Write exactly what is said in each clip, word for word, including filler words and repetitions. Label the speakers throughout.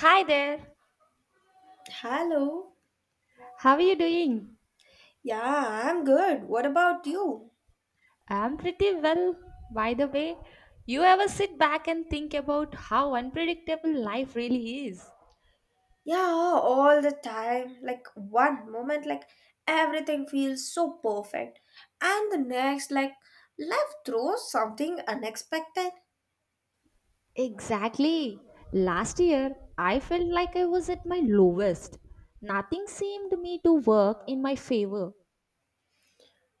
Speaker 1: Hi there.
Speaker 2: Hello.
Speaker 1: How are you doing?
Speaker 2: Yeah, I'm good. What about you?
Speaker 1: I'm pretty well. By the way, you ever sit back and think about how unpredictable life really is?
Speaker 2: Yeah, all the time. Like one moment, like everything feels so perfect. And the next, like life throws something unexpected.
Speaker 1: Exactly. Last year, I felt like I was at my lowest. Nothing seemed to me to work in my favor.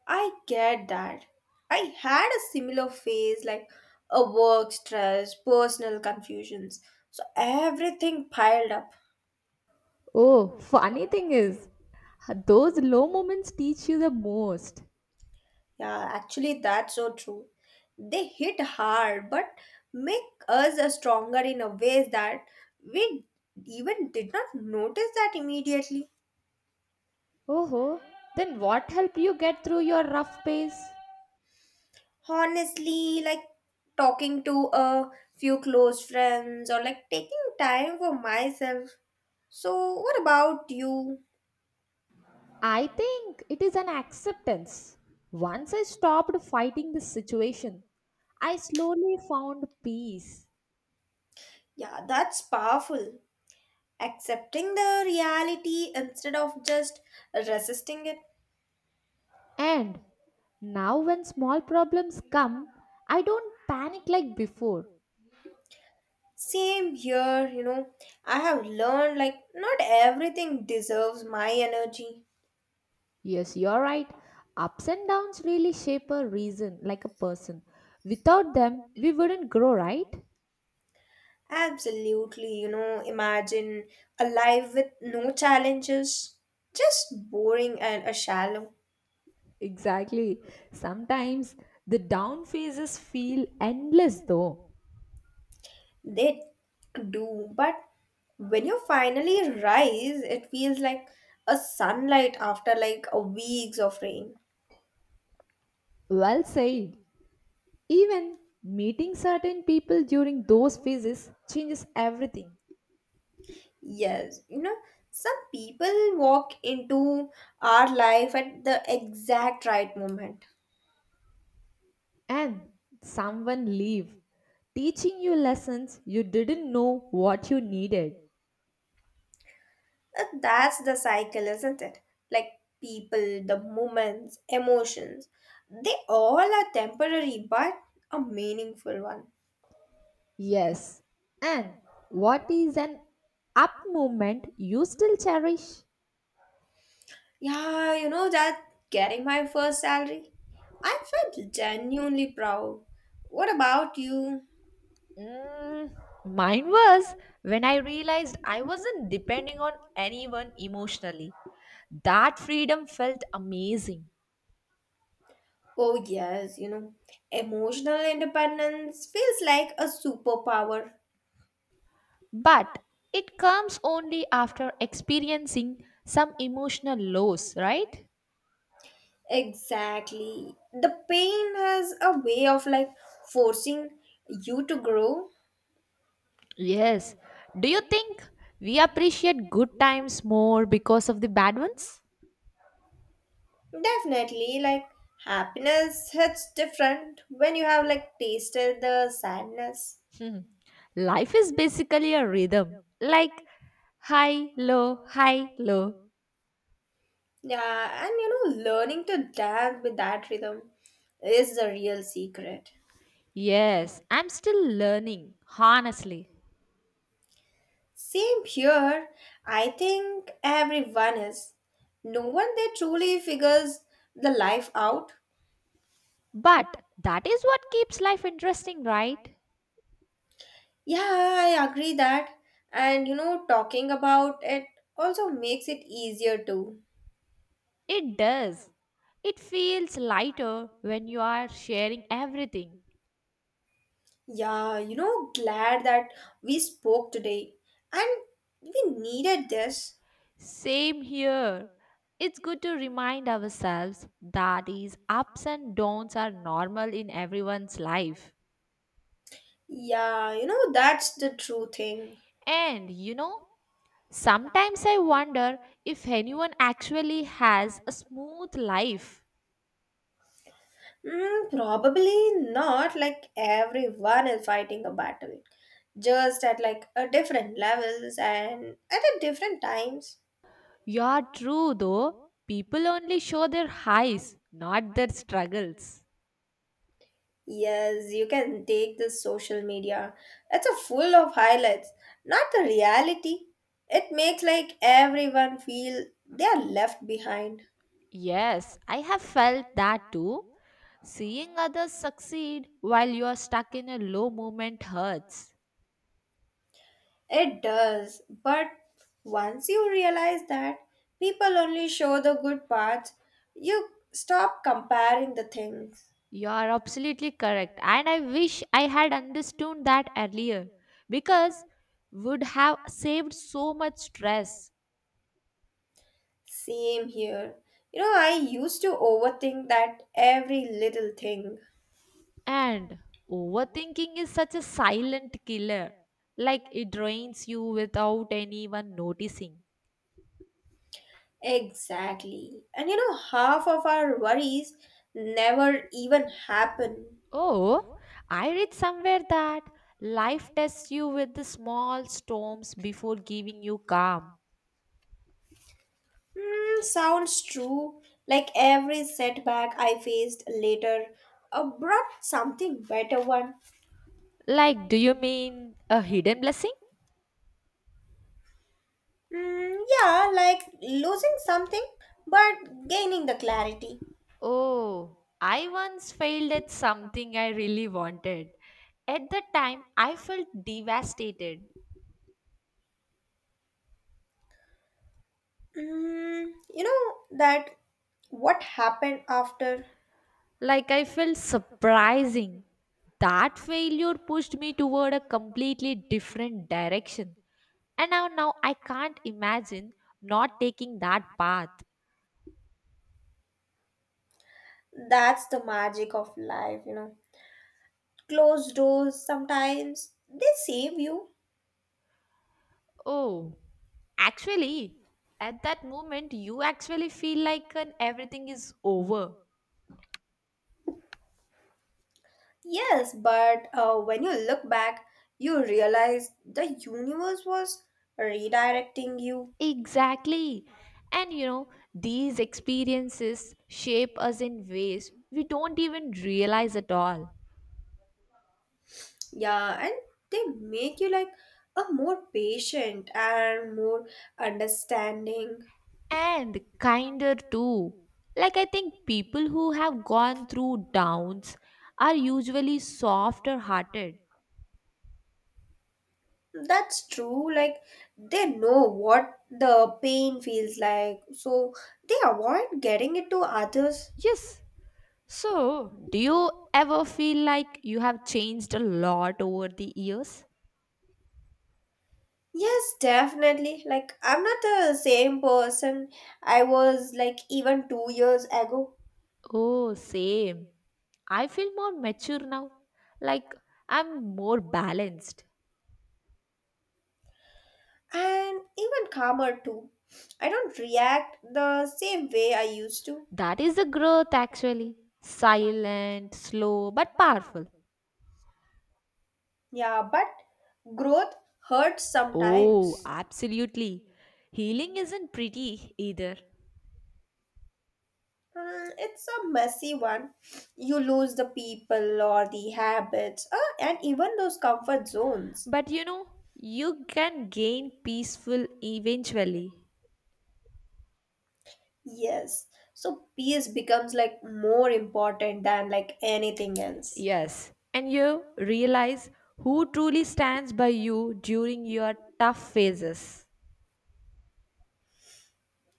Speaker 2: I get that. I had a similar phase, like a work stress, personal confusions. So everything piled up.
Speaker 1: Oh, funny thing is, those low moments teach you the most.
Speaker 2: Yeah, actually, that's so true. They hit hard, but make us uh, stronger in a ways that we even did not notice that immediately.
Speaker 1: Oh, then what helped you get through your rough phase?
Speaker 2: Honestly, like talking to a few close friends or like taking time for myself. So, what about you?
Speaker 1: I think it is an acceptance. Once I stopped fighting this situation, I slowly found peace.
Speaker 2: Yeah, that's powerful. Accepting the reality instead of just resisting it.
Speaker 1: And now, when small problems come, I don't panic like before.
Speaker 2: Same here, you know. I have learned like not everything deserves my energy.
Speaker 1: Yes, you're right. Ups and downs really shape a reason, like a person. Without them, we wouldn't grow, right?
Speaker 2: Absolutely, you know, imagine a life with no challenges, just boring and a shallow.
Speaker 1: Exactly. Sometimes the down phases feel endless, though.
Speaker 2: They do, but when you finally rise, it feels like a sunlight after like a weeks of rain.
Speaker 1: Well said. Even meeting certain people during those phases changes everything.
Speaker 2: Yes, you know, some people walk into our life at the exact right moment.
Speaker 1: And someone leave, teaching you lessons you didn't know what you needed.
Speaker 2: Uh, That's the cycle, isn't it? Like people, the moments, emotions, they all are temporary but a meaningful one.
Speaker 1: Yes. And what is an up moment you still cherish?
Speaker 2: Yeah, you know that getting my first salary? I felt genuinely proud. What about you?
Speaker 1: Mm, mine was when I realized I wasn't depending on anyone emotionally. That freedom felt amazing.
Speaker 2: Oh, yes, you know, emotional independence feels like a superpower.
Speaker 1: But it comes only after experiencing some emotional lows, right?
Speaker 2: Exactly. The pain has a way of like forcing you to grow.
Speaker 1: Yes. Do you think we appreciate good times more because of the bad ones?
Speaker 2: Definitely, like happiness hits different when you have like tasted the sadness.
Speaker 1: Life is basically a rhythm, like high, low, high, low.
Speaker 2: Yeah, and you know, learning to dance with that rhythm is the real secret.
Speaker 1: Yes, I'm still learning, honestly.
Speaker 2: Same here, I think everyone is. No one they truly figures the life out.
Speaker 1: But that is what keeps life interesting, right?
Speaker 2: Yeah, I agree that. And you know, talking about it also makes it easier too.
Speaker 1: It does. It feels lighter when you are sharing everything.
Speaker 2: Yeah, you know, glad that we spoke today. And we needed this.
Speaker 1: Same here. It's good to remind ourselves that these ups and downs are normal in everyone's life.
Speaker 2: Yeah, you know, that's the true thing.
Speaker 1: And you know, sometimes I wonder if anyone actually has a smooth life.
Speaker 2: Mm, probably not like everyone is fighting a battle, just at like a different levels and at a different times.
Speaker 1: You're true though, people only show their highs, not their struggles.
Speaker 2: Yes, you can take the social media. It's a full of highlights, not the reality. It makes like everyone feel they are left behind.
Speaker 1: Yes, I have felt that too. Seeing others succeed while you are stuck in a low moment hurts.
Speaker 2: It does, but once you realize that people only show the good parts, you stop comparing the things.
Speaker 1: You are absolutely correct. And I wish I had understood that earlier because would have saved so much stress.
Speaker 2: Same here. You know, I used to overthink that every little thing.
Speaker 1: And overthinking is such a silent killer. Like it drains you without anyone noticing.
Speaker 2: Exactly. And you know, half of our worries never even happen.
Speaker 1: Oh, I read somewhere that life tests you with the small storms before giving you calm.
Speaker 2: Hmm, sounds true. Like every setback I faced later uh, brought something better one.
Speaker 1: Like, do you mean a hidden blessing?
Speaker 2: Mm, yeah, like losing something but gaining the clarity.
Speaker 1: Oh, I once failed at something I really wanted. At the time, I felt devastated.
Speaker 2: Mm, you know that what happened after.
Speaker 1: Like I felt surprising. That failure pushed me toward a completely different direction. And now, now I can't imagine not taking that path.
Speaker 2: That's the magic of life, you know. Closed doors sometimes they save you.
Speaker 1: Oh, actually, at that moment, you actually feel like an everything is over.
Speaker 2: Yes, but uh, when you look back, you realize the universe was redirecting you.
Speaker 1: Exactly. And you know, these experiences shape us in ways we don't even realize at all.
Speaker 2: Yeah, and they make you like a more patient and more understanding.
Speaker 1: And kinder too. Like, I think people who have gone through downs are usually softer hearted.
Speaker 2: That's true. Like they know what the pain feels like, so they avoid getting it to others.
Speaker 1: Yes. So, do you ever feel like you have changed a lot over the years?
Speaker 2: Yes, definitely. Like I'm not the same person I was like even two years ago,
Speaker 1: Oh, same. I feel more mature now. Like, I'm more balanced.
Speaker 2: and even calmer too. I don't react the same way I used to.
Speaker 1: That is the growth actually. Silent, slow, but powerful.
Speaker 2: Yeah, but growth hurts
Speaker 1: Oh,
Speaker 2: sometimes.
Speaker 1: absolutely. Healing isn't pretty either.
Speaker 2: Hmm, it's a messy one. You lose the people or the habits, uh, and even those comfort zones.
Speaker 1: But you know, you can gain peaceful eventually.
Speaker 2: Yes. So peace becomes like more important than like anything else.
Speaker 1: Yes, and you realize who truly stands by you during your tough phases.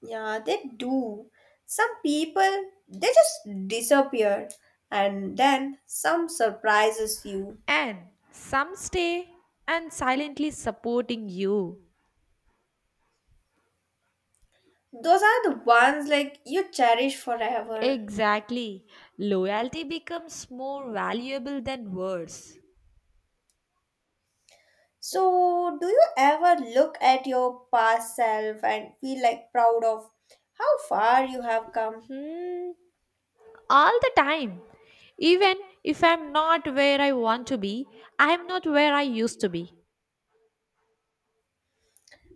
Speaker 2: Yeah, they do. Some people they just disappear, and then some surprises you.
Speaker 1: And some stay and silently supporting you.
Speaker 2: Those are the ones like you cherish forever.
Speaker 1: Exactly. Loyalty becomes more valuable than words.
Speaker 2: So, do you ever look at your past self and feel like proud of how far you have come?
Speaker 1: Mm, all the time. Even if I'm not where I want to be, I'm not where I used to be.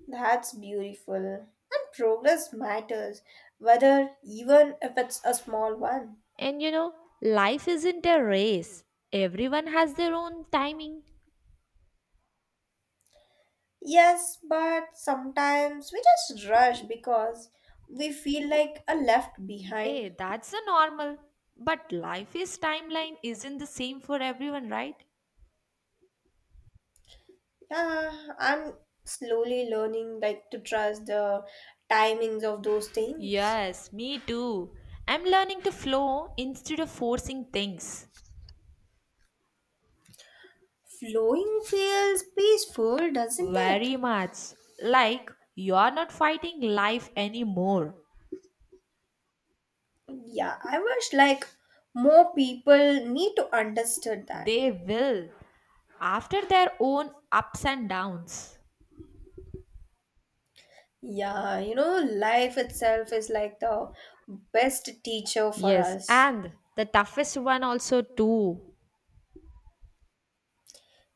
Speaker 2: That's beautiful. And progress matters, whether even if it's a small one.
Speaker 1: And you know, life isn't a race, everyone has their own timing.
Speaker 2: Yes, but sometimes we just rush because we feel like a left
Speaker 1: Eh,
Speaker 2: behind.
Speaker 1: that's a normal. But life is timeline isn't the same for everyone, right?
Speaker 2: Yeah, I'm slowly learning like to trust the timings of those things.
Speaker 1: Yes, me too. I'm learning to flow instead of forcing things.
Speaker 2: Flowing feels peaceful, doesn't it?
Speaker 1: Very much. Like, you're not fighting life anymore.
Speaker 2: Yeah, I wish like more people need to understand that.
Speaker 1: They will, after their own ups and downs.
Speaker 2: Yeah, you know, life itself is like the best teacher for
Speaker 1: Yes,
Speaker 2: us.
Speaker 1: and the toughest one also too.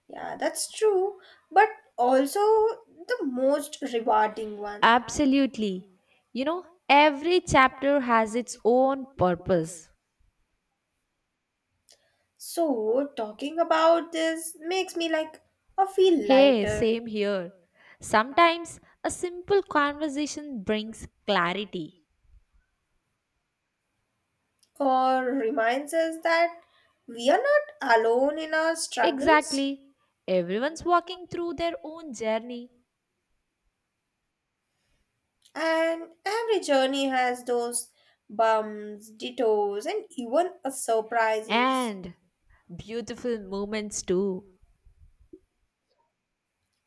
Speaker 2: Yeah, that's true, but also the most rewarding one.
Speaker 1: Absolutely. You know, every chapter has its own purpose.
Speaker 2: So, talking about this makes me like I feel
Speaker 1: Hey,
Speaker 2: lighter,
Speaker 1: same here. Sometimes a simple conversation brings clarity.
Speaker 2: or reminds us that we are not alone in our struggles.
Speaker 1: Exactly. Everyone's walking through their own journey
Speaker 2: And every journey has those bumps, detours, and even a surprises.
Speaker 1: and beautiful moments too.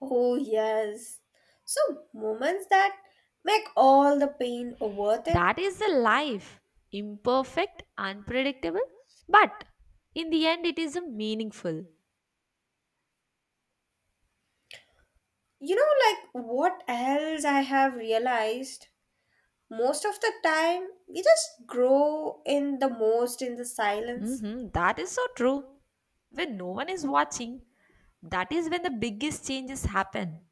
Speaker 2: Oh, yes. So, moments that make all the pain worth it.
Speaker 1: That is the life. Imperfect, unpredictable, but in the end, it is a meaningful.
Speaker 2: You know, like what else I have realized? Most of the time, we just grow in the most in the silence.
Speaker 1: Mhm. That is so true. When no one is watching, that is when the biggest changes happen.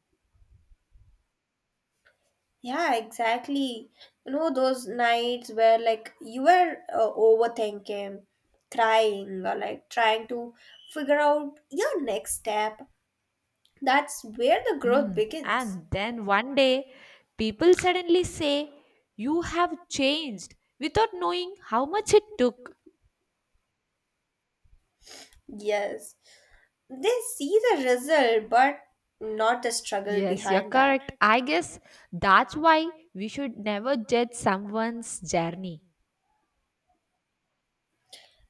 Speaker 2: Yeah, exactly. You know, those nights where like you were uh, overthinking, crying, or like trying to figure out your next step. That's where the growth
Speaker 1: Mm,
Speaker 2: begins.
Speaker 1: and then one day, people suddenly say, "You have changed," without knowing how much it took.
Speaker 2: Yes, they see the result, but not the struggle
Speaker 1: Yes, you're
Speaker 2: behind that.
Speaker 1: correct. I guess that's why we should never judge someone's journey.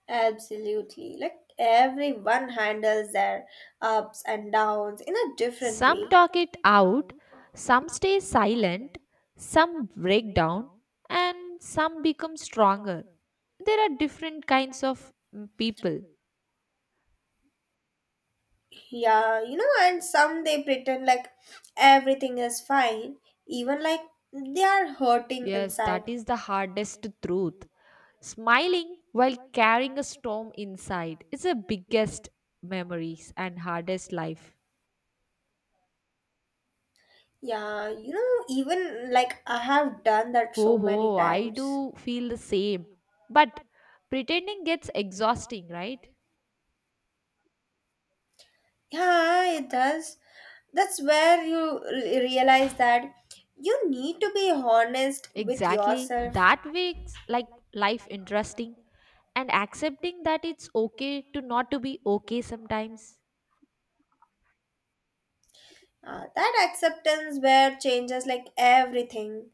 Speaker 2: Absolutely. Like everyone handles their ups and downs in a different
Speaker 1: Some
Speaker 2: way.
Speaker 1: talk it out, some stay silent, some break down, and some become stronger. There are different kinds of mm, people.
Speaker 2: Yeah, you know, and some they pretend like everything is fine, even like they are hurting
Speaker 1: Yes, that
Speaker 2: inside.
Speaker 1: is the hardest truth. Smiling while carrying a storm inside is the biggest memories and hardest life.
Speaker 2: Yeah, you know, even like I have done that
Speaker 1: Ho
Speaker 2: so many
Speaker 1: ho, I
Speaker 2: times.
Speaker 1: do feel the same. But pretending gets exhausting, right?
Speaker 2: Yeah, it does. That's where you re- realize that you need to be honest with
Speaker 1: Exactly.
Speaker 2: yourself.
Speaker 1: That makes like life interesting and accepting that it's okay to not to be okay sometimes.
Speaker 2: Uh, that acceptance where changes like everything,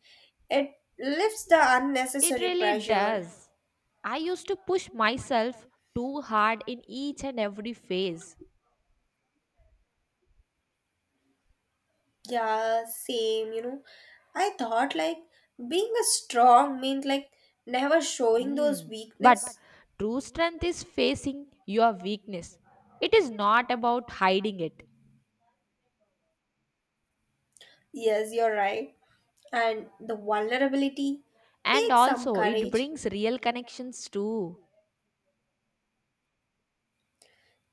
Speaker 2: it lifts the
Speaker 1: It
Speaker 2: unnecessary
Speaker 1: really
Speaker 2: pressure.
Speaker 1: does. I used to push myself too hard in each and every phase.
Speaker 2: Yeah, same, you know. I thought like being a strong meant like never showing those
Speaker 1: Mm. But
Speaker 2: weakness.
Speaker 1: true strength is facing your weakness. It is not about hiding it.
Speaker 2: Yes, you're right. And the vulnerability
Speaker 1: And
Speaker 2: takes some
Speaker 1: also, it
Speaker 2: courage.
Speaker 1: brings real connections too.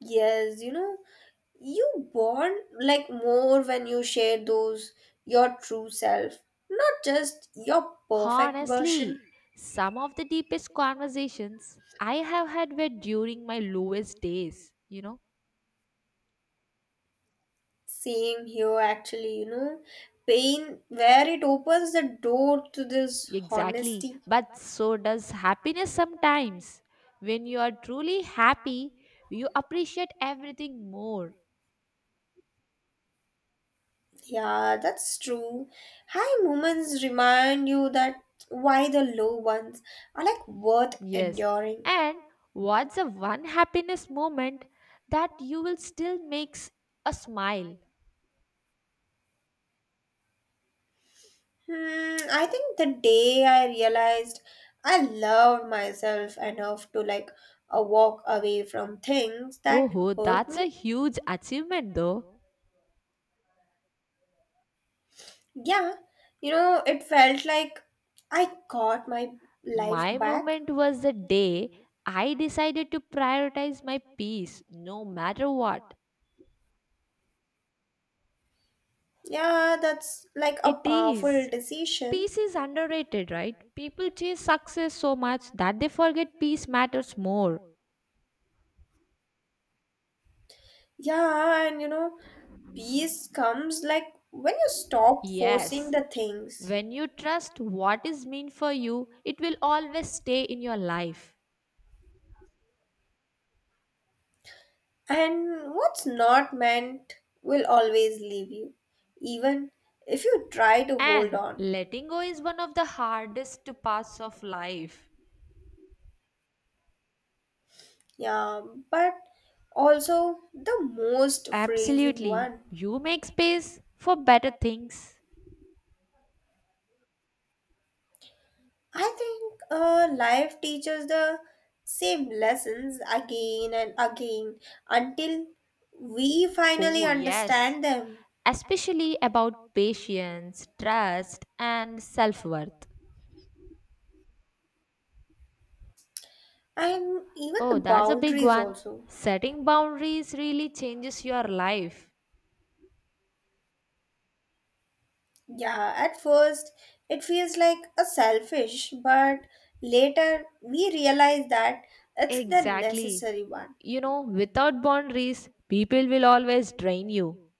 Speaker 2: Yes, you know, you bond like more when you share those your true self, not just your perfect version.
Speaker 1: Honestly, some of the deepest conversations I have had were during my lowest days, you know.
Speaker 2: Same here actually, you know. Pain where it opens the door to this
Speaker 1: Exactly.
Speaker 2: honesty.
Speaker 1: But so does happiness sometimes. When you are truly happy, you appreciate everything more.
Speaker 2: Yeah, that's true. High moments remind you that why the low ones are like worth
Speaker 1: Yes.
Speaker 2: enduring.
Speaker 1: And what's the one happiness moment that you will still makes a smile?
Speaker 2: Hmm, I think the day I realized I loved myself enough to like a walk away from things that
Speaker 1: Oh,
Speaker 2: hurt
Speaker 1: that's a
Speaker 2: me.
Speaker 1: huge achievement though.
Speaker 2: Yeah, you know, it felt like I got my life
Speaker 1: My
Speaker 2: back.
Speaker 1: moment was the day I decided to prioritize my peace no matter what.
Speaker 2: Yeah, that's like a
Speaker 1: It
Speaker 2: powerful
Speaker 1: is.
Speaker 2: decision.
Speaker 1: Peace is underrated, right? People chase success so much that they forget peace matters more.
Speaker 2: Yeah, and you know, peace comes like when you stop forcing
Speaker 1: Yes,
Speaker 2: the things.
Speaker 1: when you trust what is meant for you, it will always stay in your life.
Speaker 2: And what's not meant will always leave you, even if you try to hold
Speaker 1: And
Speaker 2: on.
Speaker 1: letting go is one of the hardest parts of life.
Speaker 2: Yeah, but also the most freezing
Speaker 1: Absolutely.
Speaker 2: one.
Speaker 1: You make space for better things.
Speaker 2: I think uh, life teaches the same lessons again and again until we finally
Speaker 1: Oh, yes.
Speaker 2: understand them.
Speaker 1: Especially about patience, trust, and self worth.
Speaker 2: And even the
Speaker 1: Oh, that's a big
Speaker 2: boundaries
Speaker 1: one.
Speaker 2: also.
Speaker 1: Setting boundaries really changes your life.
Speaker 2: Yeah, at first it feels like a selfish, but later we realize that it's the
Speaker 1: Exactly.
Speaker 2: necessary one.
Speaker 1: You know, without boundaries, people will always drain you.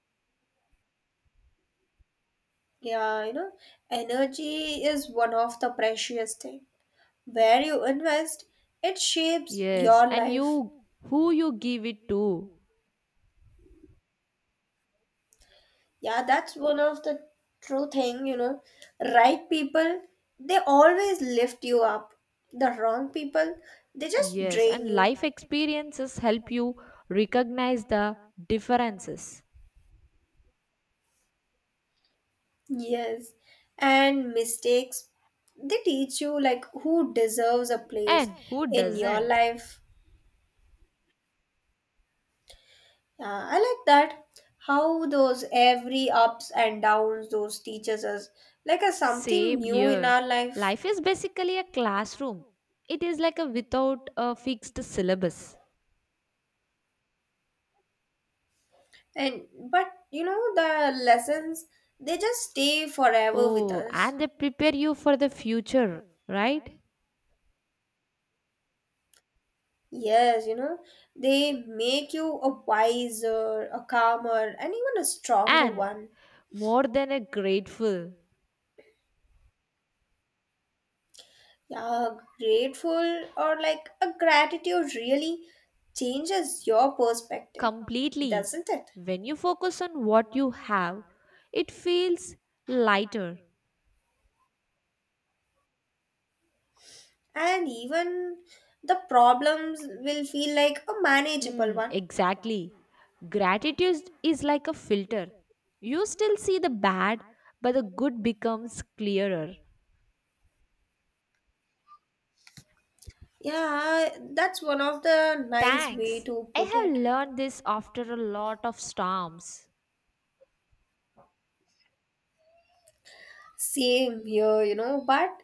Speaker 2: Yeah, you know, energy is one of the precious thing. Where you invest, it shapes
Speaker 1: Yes,
Speaker 2: your
Speaker 1: and
Speaker 2: life.
Speaker 1: you, who you give it to.
Speaker 2: Yeah, that's one of the true thing, you know. Right people, they always lift you up. The wrong people, they just
Speaker 1: Yes,
Speaker 2: drain
Speaker 1: and
Speaker 2: you.
Speaker 1: life experiences help you recognize the differences.
Speaker 2: Yes, and mistakes they teach you like who deserves a place
Speaker 1: And who
Speaker 2: in your
Speaker 1: doesn't?
Speaker 2: life. Uh, I like that how those every ups and downs those teaches us like a something
Speaker 1: Same
Speaker 2: new in
Speaker 1: here.
Speaker 2: our life.
Speaker 1: Life is basically a classroom. It is like a without a fixed syllabus.
Speaker 2: And but you know the lessons they just stay forever with
Speaker 1: Oh,
Speaker 2: us.
Speaker 1: and they prepare you for the future, right?
Speaker 2: Yes, you know they make you a wiser, a calmer, and even a stronger
Speaker 1: And
Speaker 2: one.
Speaker 1: more than a grateful,
Speaker 2: Yeah, grateful or like a gratitude really changes your perspective,
Speaker 1: completely.
Speaker 2: doesn't it?
Speaker 1: When you focus on what you have, it feels lighter.
Speaker 2: And even the problems will feel like a manageable
Speaker 1: Mm,
Speaker 2: one.
Speaker 1: exactly. Gratitude is like a filter. You still see the bad, but the good becomes clearer.
Speaker 2: Yeah, that's one of the nice way
Speaker 1: Thanks.
Speaker 2: to
Speaker 1: I
Speaker 2: put
Speaker 1: have
Speaker 2: it.
Speaker 1: learned this after a lot of storms.
Speaker 2: Same here, you know, but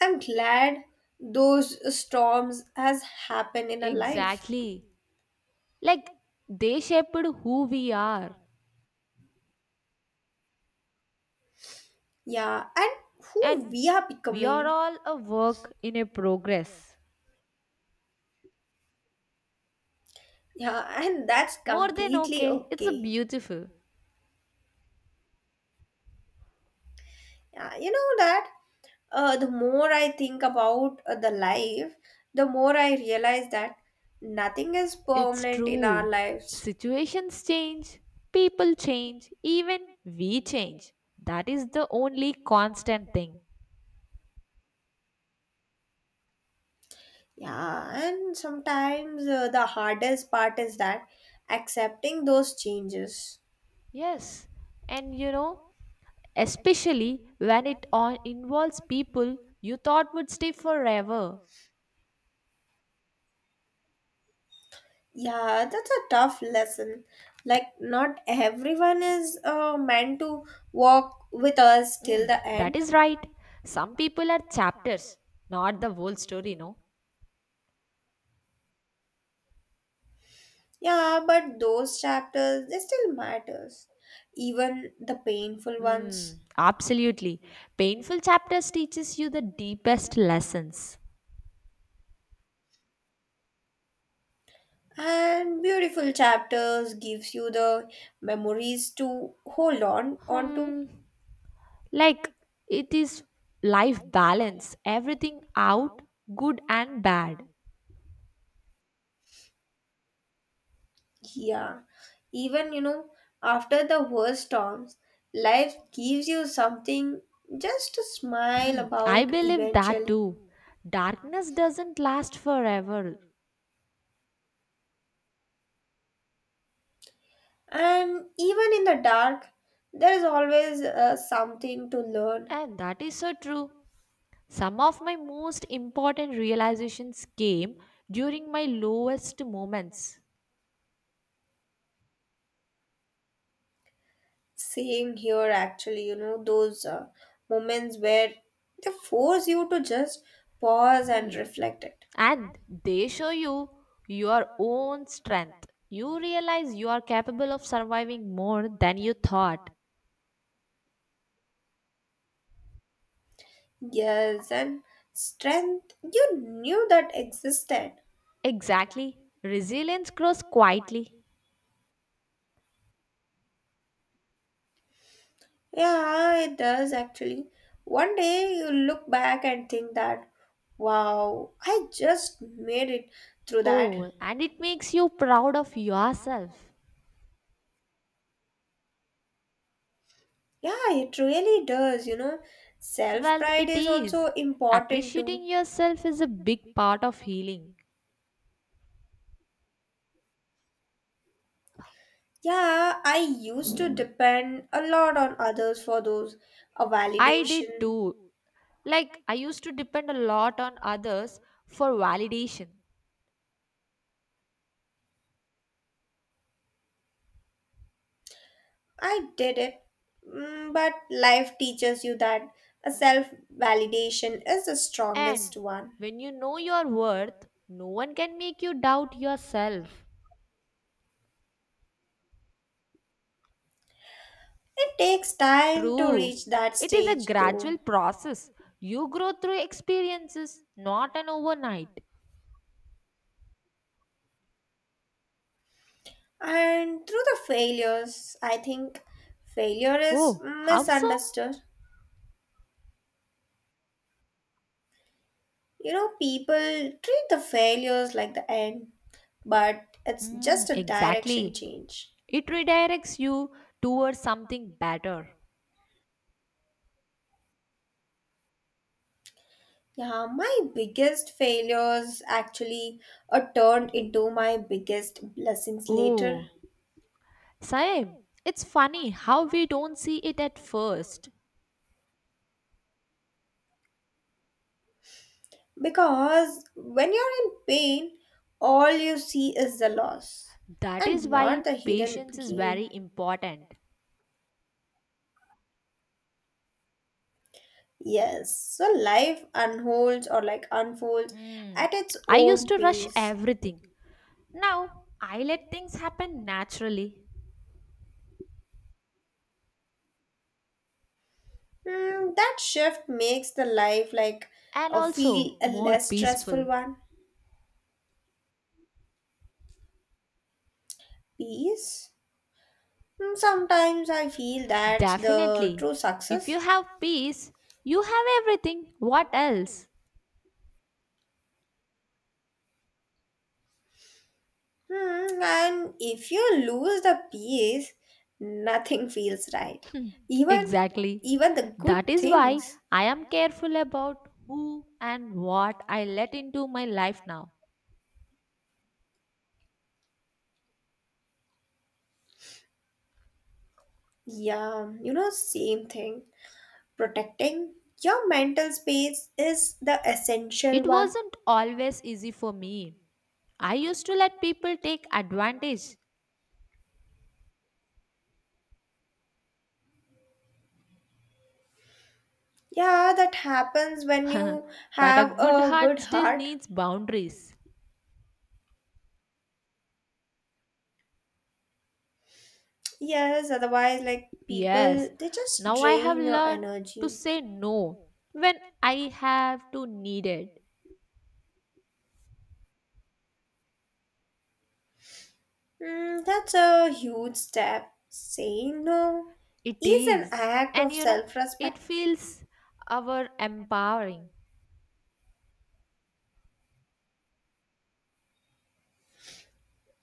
Speaker 2: I'm glad those storms has happened in our life.
Speaker 1: Exactly. Like they shaped who we are.
Speaker 2: Yeah, and who
Speaker 1: And
Speaker 2: we are
Speaker 1: we are
Speaker 2: becoming.
Speaker 1: all a work in a progress.
Speaker 2: Yeah, and that's
Speaker 1: More than
Speaker 2: completely
Speaker 1: okay, it's a
Speaker 2: okay.
Speaker 1: beautiful.
Speaker 2: Yeah, you know that uh, the more I think about uh, the life, the more I realize that nothing is
Speaker 1: It's
Speaker 2: permanent in our
Speaker 1: true.
Speaker 2: lives.
Speaker 1: Situations change, people change, even we change. That is the only constant thing.
Speaker 2: Yeah, and sometimes uh, the hardest part is that accepting those changes.
Speaker 1: Yes. And you know, especially when it on involves people you thought would stay forever.
Speaker 2: Yeah, that's a tough lesson. Like, not everyone is uh, meant to walk with us till
Speaker 1: Mm,
Speaker 2: the
Speaker 1: that
Speaker 2: end.
Speaker 1: is right. Some people are chapters, not the whole story, no?
Speaker 2: Yeah, but those chapters, they still matters. Even the painful ones.
Speaker 1: Mm, absolutely. Painful chapters teaches you the deepest lessons.
Speaker 2: And beautiful chapters gives you the memories to hold on on to.
Speaker 1: Hmm, like it is life balance, everything out, good and bad.
Speaker 2: Yeah, even you know after the worst storms life gives you something just to smile
Speaker 1: I
Speaker 2: about
Speaker 1: believe that
Speaker 2: eventually.
Speaker 1: too. Darkness doesn't last forever,
Speaker 2: And even in the dark there is always uh, something to learn.
Speaker 1: and that is so true. Some of my most important realizations came during my lowest moments.
Speaker 2: Same here actually you know those uh, moments where they force you to just pause
Speaker 1: Hmm.
Speaker 2: and reflect it.
Speaker 1: And they show you your own strength. You realize you are capable of surviving more than you thought.
Speaker 2: Yes, and strength you knew that existed.
Speaker 1: Exactly. Resilience grows quietly.
Speaker 2: Yeah, it does actually. One day you look back and think that, wow, I just made it through that.
Speaker 1: Oh, and it makes you proud of yourself.
Speaker 2: Yeah, it really does, you know. Self
Speaker 1: Well,
Speaker 2: pride
Speaker 1: it
Speaker 2: is also
Speaker 1: is.
Speaker 2: important too.
Speaker 1: Appreciating yourself is a big part of healing.
Speaker 2: Yeah, I used to depend a lot on others for those, a
Speaker 1: I did
Speaker 2: validation.
Speaker 1: too. Like, I used to depend a lot on others for validation.
Speaker 2: I did it. Mm, but life teaches you that a self validation is the
Speaker 1: And
Speaker 2: strongest one.
Speaker 1: when you know your worth, no one can make you doubt yourself.
Speaker 2: It takes time to
Speaker 1: True.
Speaker 2: reach that
Speaker 1: It is a
Speaker 2: stage
Speaker 1: gradual
Speaker 2: though.
Speaker 1: process. You grow through experiences, not an overnight.
Speaker 2: And through the failures, I think failure is
Speaker 1: Oh, how so?
Speaker 2: misunderstood. You know, people treat the failures like the end, but it's
Speaker 1: Hmm,
Speaker 2: just a direction
Speaker 1: exactly.
Speaker 2: change.
Speaker 1: It redirects you towards something better.
Speaker 2: Yeah, my biggest failures actually uh, turned into my biggest blessings later.
Speaker 1: Oh, Saib, it's funny how we don't see it at first.
Speaker 2: Because when you're in pain, all you see is the loss
Speaker 1: That is
Speaker 2: and
Speaker 1: why
Speaker 2: not the hidden
Speaker 1: patience is very
Speaker 2: gain.
Speaker 1: important.
Speaker 2: Yes, so life unfolds or like unfolds
Speaker 1: Mm.
Speaker 2: at its
Speaker 1: I used
Speaker 2: own
Speaker 1: to rush
Speaker 2: pace.
Speaker 1: everything. Now I let things happen naturally
Speaker 2: Mm, that shift makes the life like
Speaker 1: and
Speaker 2: a feel
Speaker 1: also
Speaker 2: a
Speaker 1: more
Speaker 2: less
Speaker 1: peaceful.
Speaker 2: stressful one. Peace. Mm, Sometimes I feel that's the
Speaker 1: Definitely.
Speaker 2: true
Speaker 1: If
Speaker 2: success.
Speaker 1: you have peace, you have everything. What else?
Speaker 2: Hmm, and if you lose the peace, nothing feels right. Even
Speaker 1: Exactly.
Speaker 2: even the
Speaker 1: That
Speaker 2: good
Speaker 1: is why
Speaker 2: things.
Speaker 1: I am careful about who and what I let into my life now.
Speaker 2: Yeah, you know, same thing. Protecting your mental space is the essential
Speaker 1: It
Speaker 2: one.
Speaker 1: wasn't always easy for me. I used to let people take advantage.
Speaker 2: Yeah, that happens when you
Speaker 1: But a
Speaker 2: have
Speaker 1: good
Speaker 2: a
Speaker 1: heart
Speaker 2: good
Speaker 1: still
Speaker 2: heart.
Speaker 1: needs boundaries.
Speaker 2: Yes, otherwise like people
Speaker 1: Yes,
Speaker 2: they just
Speaker 1: now I have
Speaker 2: drain your
Speaker 1: learned to
Speaker 2: energy.
Speaker 1: say no when I have to need it.
Speaker 2: Hmm, that's a huge step. Saying no
Speaker 1: It
Speaker 2: is an
Speaker 1: is,
Speaker 2: act
Speaker 1: and
Speaker 2: of
Speaker 1: you know, it
Speaker 2: self-respect.
Speaker 1: feels our empowering.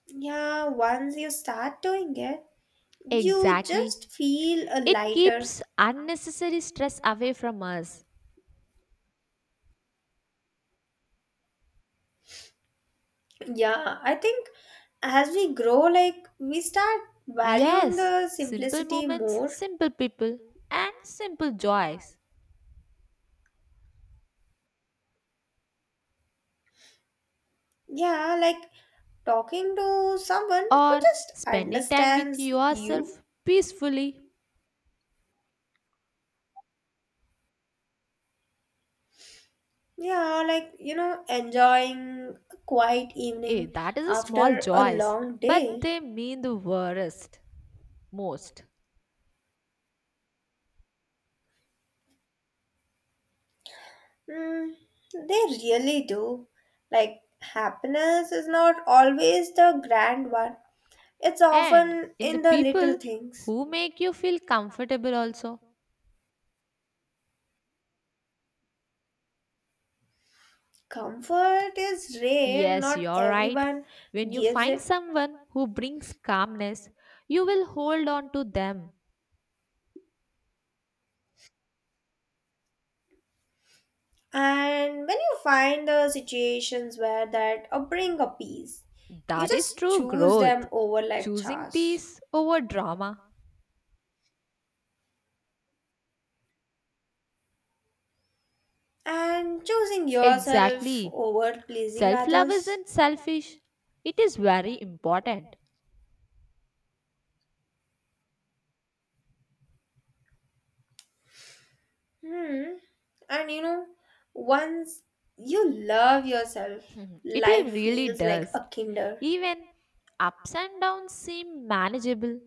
Speaker 2: Yeah, once you start doing it, you
Speaker 1: Exactly.
Speaker 2: just feel a
Speaker 1: It
Speaker 2: lighter.
Speaker 1: keeps unnecessary stress away from us.
Speaker 2: Yeah, I think as we grow, like we start valuing
Speaker 1: Yes,
Speaker 2: the
Speaker 1: simple
Speaker 2: simplicity
Speaker 1: moments,
Speaker 2: more.
Speaker 1: simple people, and simple joys.
Speaker 2: Yeah, like talking to someone who
Speaker 1: Or
Speaker 2: just
Speaker 1: spending time with
Speaker 2: understands you.
Speaker 1: yourself peacefully.
Speaker 2: Yeah, like you know, enjoying a quiet
Speaker 1: Eh,
Speaker 2: evening
Speaker 1: that is a small
Speaker 2: after a
Speaker 1: joys,
Speaker 2: long
Speaker 1: but
Speaker 2: day.
Speaker 1: they mean the worst, most.
Speaker 2: Mm, they really do. Like, happiness is not always the grand one. It's
Speaker 1: And
Speaker 2: often
Speaker 1: in the
Speaker 2: in the little
Speaker 1: people
Speaker 2: things.
Speaker 1: who make you feel comfortable also.
Speaker 2: Comfort is rare,
Speaker 1: Yes,
Speaker 2: not
Speaker 1: you're right.
Speaker 2: everyone
Speaker 1: When you
Speaker 2: gives
Speaker 1: find
Speaker 2: it.
Speaker 1: someone who brings calmness, you will hold on to them.
Speaker 2: And when you find the situations where that or bring a peace, you
Speaker 1: That is
Speaker 2: just
Speaker 1: true
Speaker 2: choose
Speaker 1: growth.
Speaker 2: them over like
Speaker 1: Choosing
Speaker 2: chance.
Speaker 1: peace over drama.
Speaker 2: And choosing yourself
Speaker 1: Exactly.
Speaker 2: over pleasing
Speaker 1: Self love
Speaker 2: others.
Speaker 1: isn't selfish, it is very important.
Speaker 2: Hmm. And you know, once you love yourself,
Speaker 1: Mhm. It
Speaker 2: life
Speaker 1: really
Speaker 2: feels like
Speaker 1: does.
Speaker 2: a kinder.
Speaker 1: Even ups and downs seem manageable.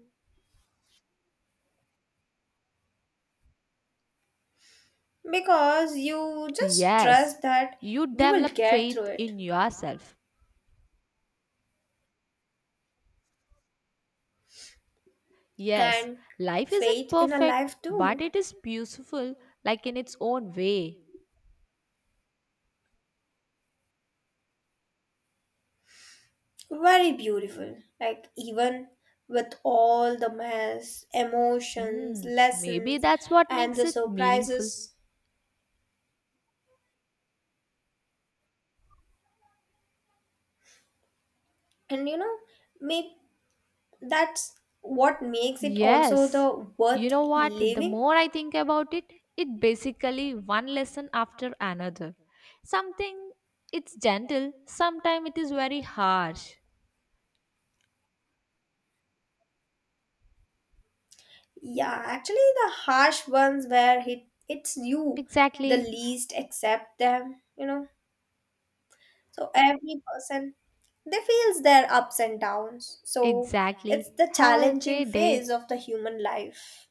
Speaker 2: Because you just
Speaker 1: Yes,
Speaker 2: trust that
Speaker 1: you
Speaker 2: you will
Speaker 1: develop
Speaker 2: get through
Speaker 1: faith
Speaker 2: it.
Speaker 1: in yourself. Yes,
Speaker 2: And
Speaker 1: life isn't
Speaker 2: faith in a
Speaker 1: perfect,
Speaker 2: life
Speaker 1: but
Speaker 2: too.
Speaker 1: it is beautiful, like in its own way.
Speaker 2: Very beautiful. Like even with all the mess,
Speaker 1: Hmm,
Speaker 2: emotions,
Speaker 1: maybe
Speaker 2: lessons
Speaker 1: that's what
Speaker 2: and
Speaker 1: makes
Speaker 2: the
Speaker 1: it meaningful.
Speaker 2: surprises. And you know, may that's what makes it also
Speaker 1: Yes,
Speaker 2: the
Speaker 1: you
Speaker 2: worth
Speaker 1: know what? The
Speaker 2: living.
Speaker 1: more I think about it, it basically one lesson after another. Something it's gentle, sometimes it is very harsh.
Speaker 2: Yeah, actually the harsh ones where it, it's you the
Speaker 1: Exactly,
Speaker 2: least accept them, you know. So every person they feels their ups and downs. So it's
Speaker 1: exactly.
Speaker 2: the
Speaker 1: Have a
Speaker 2: challenging
Speaker 1: great
Speaker 2: phase
Speaker 1: day.
Speaker 2: of the human life.